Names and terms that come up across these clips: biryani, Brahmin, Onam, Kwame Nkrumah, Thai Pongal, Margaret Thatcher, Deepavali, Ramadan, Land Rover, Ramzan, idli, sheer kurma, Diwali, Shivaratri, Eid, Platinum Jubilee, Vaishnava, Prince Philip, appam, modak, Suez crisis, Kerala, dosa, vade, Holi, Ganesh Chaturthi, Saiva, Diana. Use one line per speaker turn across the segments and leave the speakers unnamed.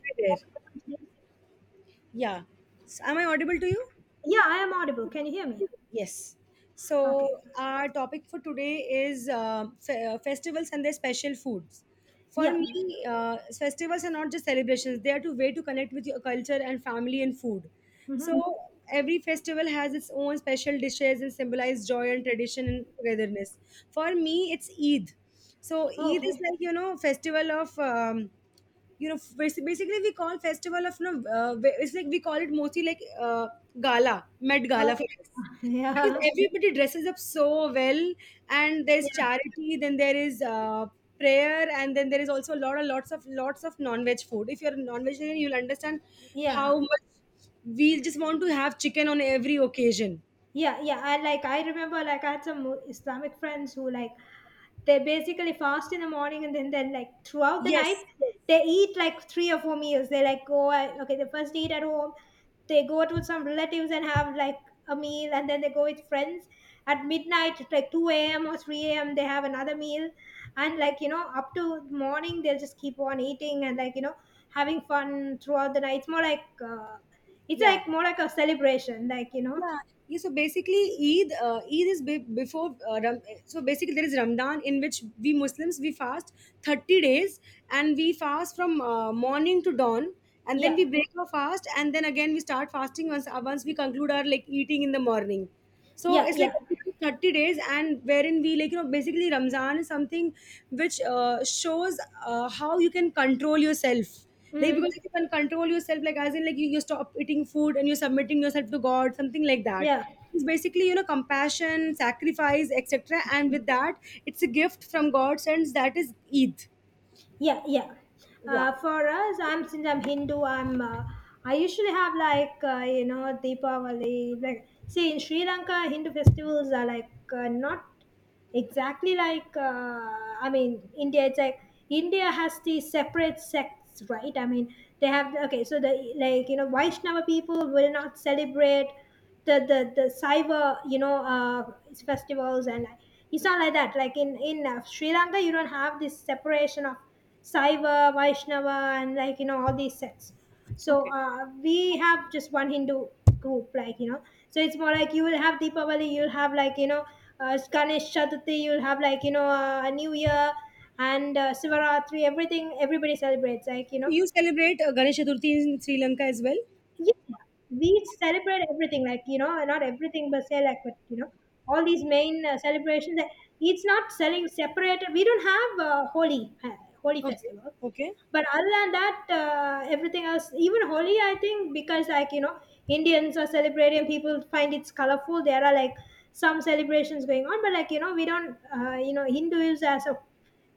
Hi there. Yeah. Am I audible to you?
Yeah, I am audible. Can you hear me?
Yes. So,
Okay.
our topic for today is festivals and their special foods. For
Yeah.
me, festivals are not just celebrations, they are a way to connect with your culture and family and food.
Hmm.
So, every festival has its own special dishes and symbolize joy and tradition and togetherness. For me, it's Eid. So, Eid is
Okay.
like, you know, festival of. You know Basically, we call festival of no uh, it's like we call it mostly like uh, gala, met gala
Okay.
for us, because
Yeah.
everybody dresses up so well, and there's
Yeah.
charity, then there is prayer, and then there is also a lot of, lots of lots of non-veg food. If you're a non-vegetarian you'll understand how
Yeah.
much we just want to have chicken on every occasion.
Yeah. Yeah. I like, I remember like I had some Islamic friends who like they basically fast in the morning, and then they like throughout the night
Yes, yes.
they eat like three or four meals. They like okay, they first eat at home, they go to some relatives and have like a meal, and then they go with friends at midnight, like 2 a.m or 3 a.m they have another meal, and like you know up to morning they'll just keep on eating, and like you know having fun throughout the night. It's more like it's
Yeah.
like more like a celebration, like you know.
Yeah, yeah. So basically, Eid is before. So basically, there is Ramadan in which we Muslims we fast 30 days, and we fast from morning to dawn, and then we
Yeah.
break our fast, and then again we start fasting once we conclude our like eating in the morning. So
Yeah.
it's like
Yeah.
30 days, and wherein we, like you know, basically Ramzan is something which shows how you can control yourself. Like because
mm,
you can control yourself, like as in like you stop eating food and you're submitting yourself to God, something like that.
yeah.
It's basically, you know, compassion, sacrifice, etc. And with that, it's a gift from God, and that is Eid.
Yeah, yeah.
Yeah.
For us, I'm since I'm Hindu, I'm I usually have like you know, Deepavali. Like, see in Sri Lanka, Hindu festivals are like not exactly like I mean, India it's like, India has the separate sects, right? I mean they have, okay, so the, like you know, Vaishnava people will not celebrate the Saiva, you know, festivals and like, it's not like that. Like in Sri Lanka, you don't have this separation of Saiva, Vaishnava, and like you know all these sects. So
Okay.
we have just one Hindu group, like you know. So it's more like you will have Deepavali, you'll have like you know Ganesh Chaturthi, you'll have like you know a New Year and Sivaratri. Everything everybody celebrates. Like you
So
know,
you celebrate Ganesh Chaturthi in Sri Lanka as well.
yeah, we celebrate everything. Like you know, not everything, but say like but you know, all these main celebrations. It's not selling separate. We don't have Holi, Holi
Okay.
festival.
Okay.
But other than that everything else, even Holi, I think, because like you know Indians are celebrating, people find it's colorful, there are like some celebrations going on, but like you know we don't you know, Hindus as a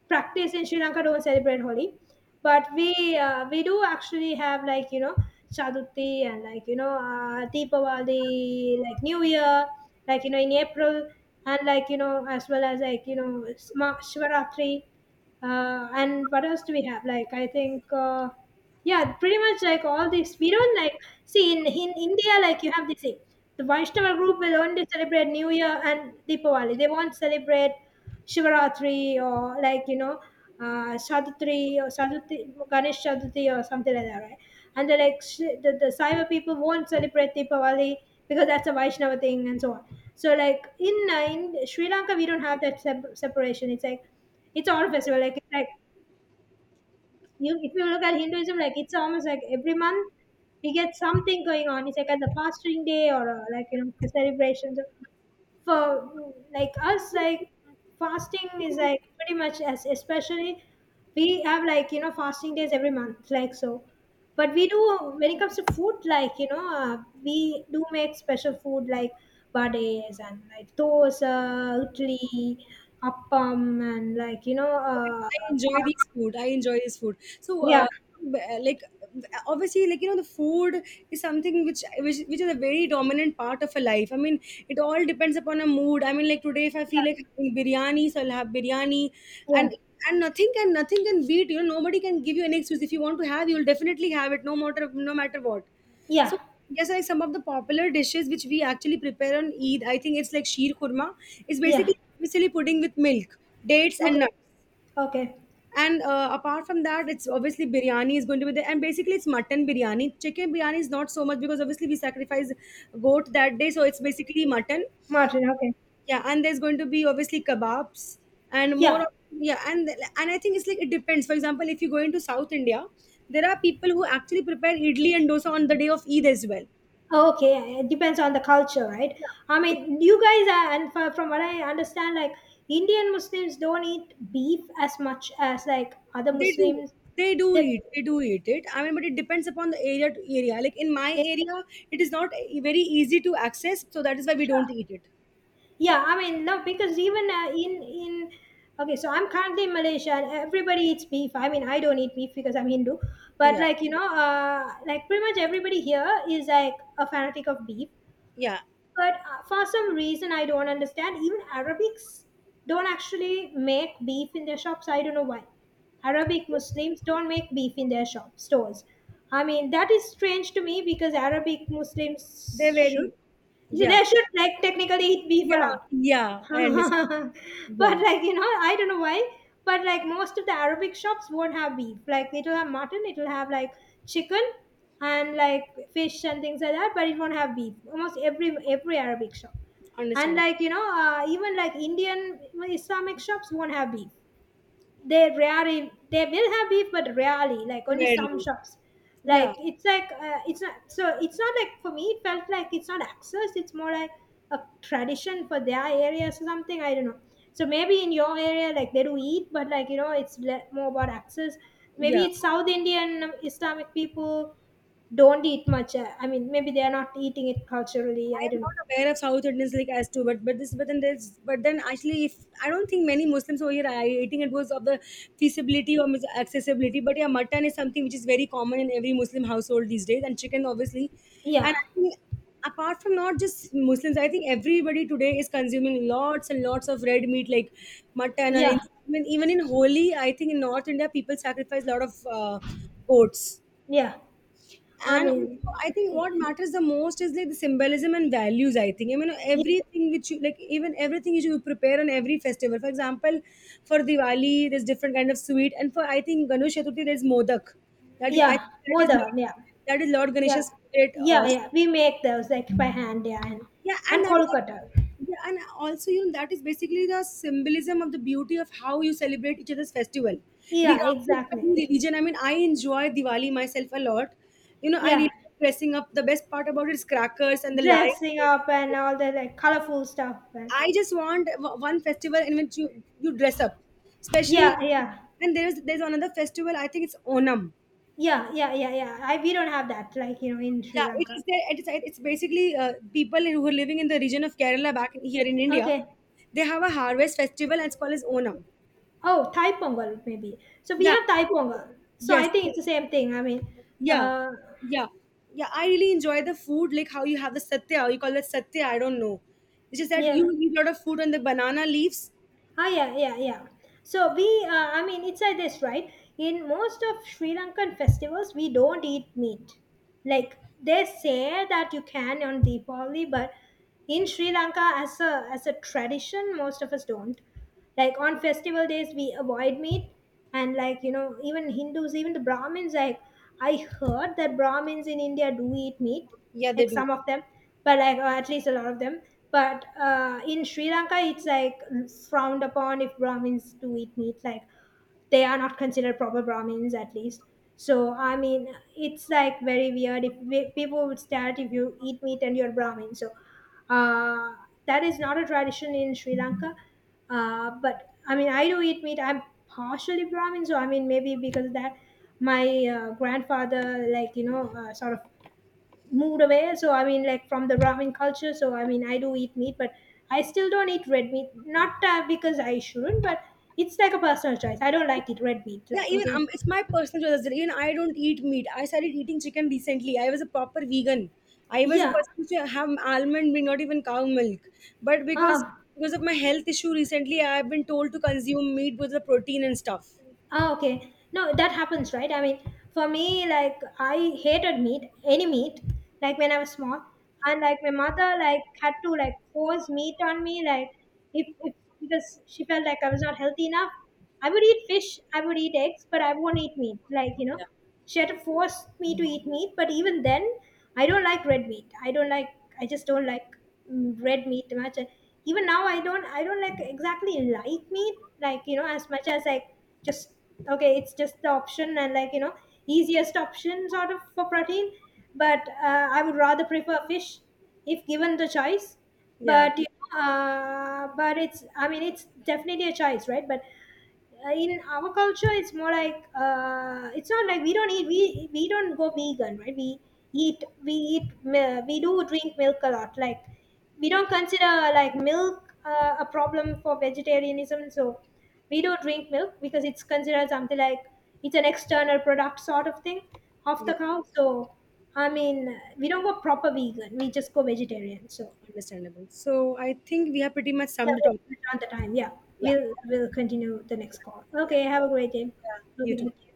practice in Sri Lanka don't celebrate Holi, but we do actually have like you know Chaturthi and like you know Deepavali, like New Year, like you know in April, and like you know as well as like you know Shivaratri, and what else do we have? Like I think. Yeah, pretty much like all these. We don't, like, see in India like you have this thing. The Vaishnava group will only celebrate New Year and Deepavali. They won't celebrate Shivaratri, or like you know Sadatri, or Sadatri, Ganesh Chaturthi or something like that, right? And they're like the Saiva people won't celebrate Deepavali because that's a Vaishnava thing and so on. So like in Sri Lanka we don't have that separation. It's like it's all festival. Like it's like, you if you look at Hinduism, like it's almost like every month we get something going on. It's like at the fasting day or like you know the celebrations for like us, like fasting is like pretty much as, especially we have like you know fasting days every month like. So but we do, when it comes to food, like you know we do make special food like vades and like dosa, idli, appam, and like you know
I enjoy these food. I enjoy this food. So,
yeah.
like obviously, like you know, the food is something which is a very dominant part of a life. I mean, it all depends upon a mood. I mean, like today if I
Yeah.
feel like having biryani, so I'll have biryani, and and nothing can beat, you know. Nobody can give you an excuse. If you want to have, you'll definitely have it, no matter what.
Yeah.
So yes, like some of the popular dishes which we actually prepare on Eid, I think it's like sheer kurma. It's
Yeah. Yeah.
basically pudding with milk, dates and
Okay.
nuts.
Okay.
And apart from that, it's obviously biryani is going to be there, and basically it's mutton biryani. Chicken biryani is not so much because obviously we sacrifice goat that day, so it's basically mutton.
Martin. Okay.
Yeah, and there's going to be obviously kebabs and more
Yeah.
of, yeah. And I think it's like it depends. For example, if you go into South India, there are people who actually prepare idli and dosa on the day of Eid as well.
Okay, it depends on the culture, right? I mean, you guys are, and from what I understand, like Indian Muslims don't eat beef as much as like other
They do.
Muslims.
they do
That,
eat they do eat it, I mean, but it depends upon the area to area. Like in my area, it is not very easy to access, so that is why we don't eat it.
yeah, I mean, no, because even in okay, so I'm currently in Malaysia, and everybody eats beef. I mean, I don't eat beef because I'm Hindu, but
Yeah.
like you know, like pretty much everybody here is like a fanatic of beef.
Yeah,
But for some reason, I don't understand. Even Arabics don't actually make beef in their shops. I don't know why. Arabic Muslims don't make beef in their shop stores. I mean, that is strange to me because Arabic
they're
Muslims should.
very, yeah,
They should like technically eat beef
yeah,
a lot.
yeah. I understand. Yeah,
But like you know I don't know why, but like most of the Arabic shops won't have beef. Like it'll have mutton, it'll have like chicken and like fish and things like that, but it won't have beef, almost every Arabic shop, and
understand.
like you know even like Indian Islamic shops won't have beef. They rarely, they will have beef but rarely, like only some
Rarely.
shops. Like
Yeah,
it's like it's not so, it's not like, for me it felt like it's not access, it's more like a tradition for their areas or something, I don't know. So maybe in your area like they do eat, but like you know it's more about access. Maybe
yeah.
it's South Indian Islamic people don't eat much I mean, maybe they are not eating it culturally,
I
I
am
don't know.
not aware of South Indians like as to, but this, but then there's, but then actually, if I don't think many Muslims over here are eating it because of the feasibility or accessibility. But yeah, mutton is something which is very common in every Muslim household these days, and chicken obviously.
Yeah.
And I think apart from not just Muslims, I think everybody today is consuming lots and lots of red meat, like mutton or
Yeah.
anything. Even in Holi, I think in North India, people sacrifice a lot of uh, goats.
Yeah. I
And
mean,
also, I think what matters the most is like the symbolism and values, I think. I mean everything which you like, even everything which you prepare on every festival. For example, for Diwali there's different kind of sweet, and for, I think, Ganesh Chaturthi there's modak. That I
yeah.
that
More
is like,
than, yeah.
That is Lord
Yeah,
Ganesha's favorite.
yeah, yeah. We make those like by hand, yeah,
Yeah
and
and that
Kolkata.
yeah, and also you know that is basically the symbolism of the beauty of how you celebrate each other's festival
Yeah,
regardless of
exactly.
any religion. I mean, I enjoy Diwali myself a lot. You know, I
Yeah,
really like dressing up. The best part about it is crackers and the
dressing up and
lights.
all the like colorful stuff. And
I just want one festival in which you dress up especially.
yeah, yeah,
And there's another festival, I think it's Onam.
yeah, yeah, yeah, yeah. I, we don't have that like you know in
Yeah,
Sri
it is
Lanka.
there. It's basically people who are living in the region of Kerala back here in India.
Okay.
They have a harvest festival and it's called as Onam.
Oh, Thai Pongal maybe. So we
Yeah.
have Thai Pongal. So I
Yes.
think it's the same thing. I mean,
Yeah.
uh,
Yeah. Yeah. I really enjoy the food, like how you have the satya. You call it satya. I don't know. It's just that
yeah.
you eat a lot of food on the banana leaves.
Ah, yeah, yeah, yeah. So we, I mean, it's like this, right? In most of Sri Lankan festivals, we don't eat meat. Like they say that you can on Deepavali, but in Sri Lanka as a tradition, most of us don't. Like on festival days, we avoid meat, and like you know, even Hindus, even the Brahmins. Like I heard that Brahmins in India do eat meat,
Yeah, they
like
do.
some of them, but like, or at least a lot of them. But in Sri Lanka, it's like frowned upon if Brahmins do eat meat. Like they are not considered proper Brahmins at least. So I mean it's like very weird, if we, people would stare at if you eat meat and you're Brahmin. So uh, that is not a tradition in Sri Lanka. But I mean I do eat meat, I'm partially Brahmin, so I mean maybe because of that, my grandfather like you know sort of moved away, so I mean, like, from the Brahmin culture. So I mean I do eat meat, but I still don't eat red meat, not because I shouldn't, but it's like a personal choice. I don't like it, red meat,
Yeah,
like,
even
okay.
it's my personal choice as well. Even I don't eat meat. I started eating chicken recently. I was a proper vegan. I was a
Yeah.
person to have almond milk, not even cow milk. But
ah,
because of my health issue recently, I've been told to consume meat with the protein and stuff.
ah okay, no that happens, right? I mean for me like I hated meat, any meat, like when I was small, and like my mother like had to like force meat on me, like if because she felt like I was not healthy enough. I would eat fish, I would eat eggs, but I won't eat meat, like you know.
Yeah.
She had to force me to eat meat, but even then I don't like red meat, I don't like, I just don't like red meat much. Even now I don't like exactly like meat, like you know, as much as like just, okay, it's just the option, and like you know, easiest option sort of for protein. But I would rather prefer fish if given the choice.
Yeah,
But you know, but it's, I mean it's definitely a choice, right? But in our culture, it's more like it's not like we don't eat. We don't go vegan, right? We eat, we do drink milk a lot. Like we don't consider like milk a problem for vegetarianism. So we do drink milk because it's considered something like it's an external product sort of thing of
yeah,
the cow. So I mean, we don't go proper vegan. We just go vegetarian. So
understandable. So I think we have pretty much
yeah,
summed it up.
we're on the time. Yeah.
Yeah,
We'll continue the next call.
yeah.
Okay, have a great day.
Yeah. You
Okay,
too.
thank you.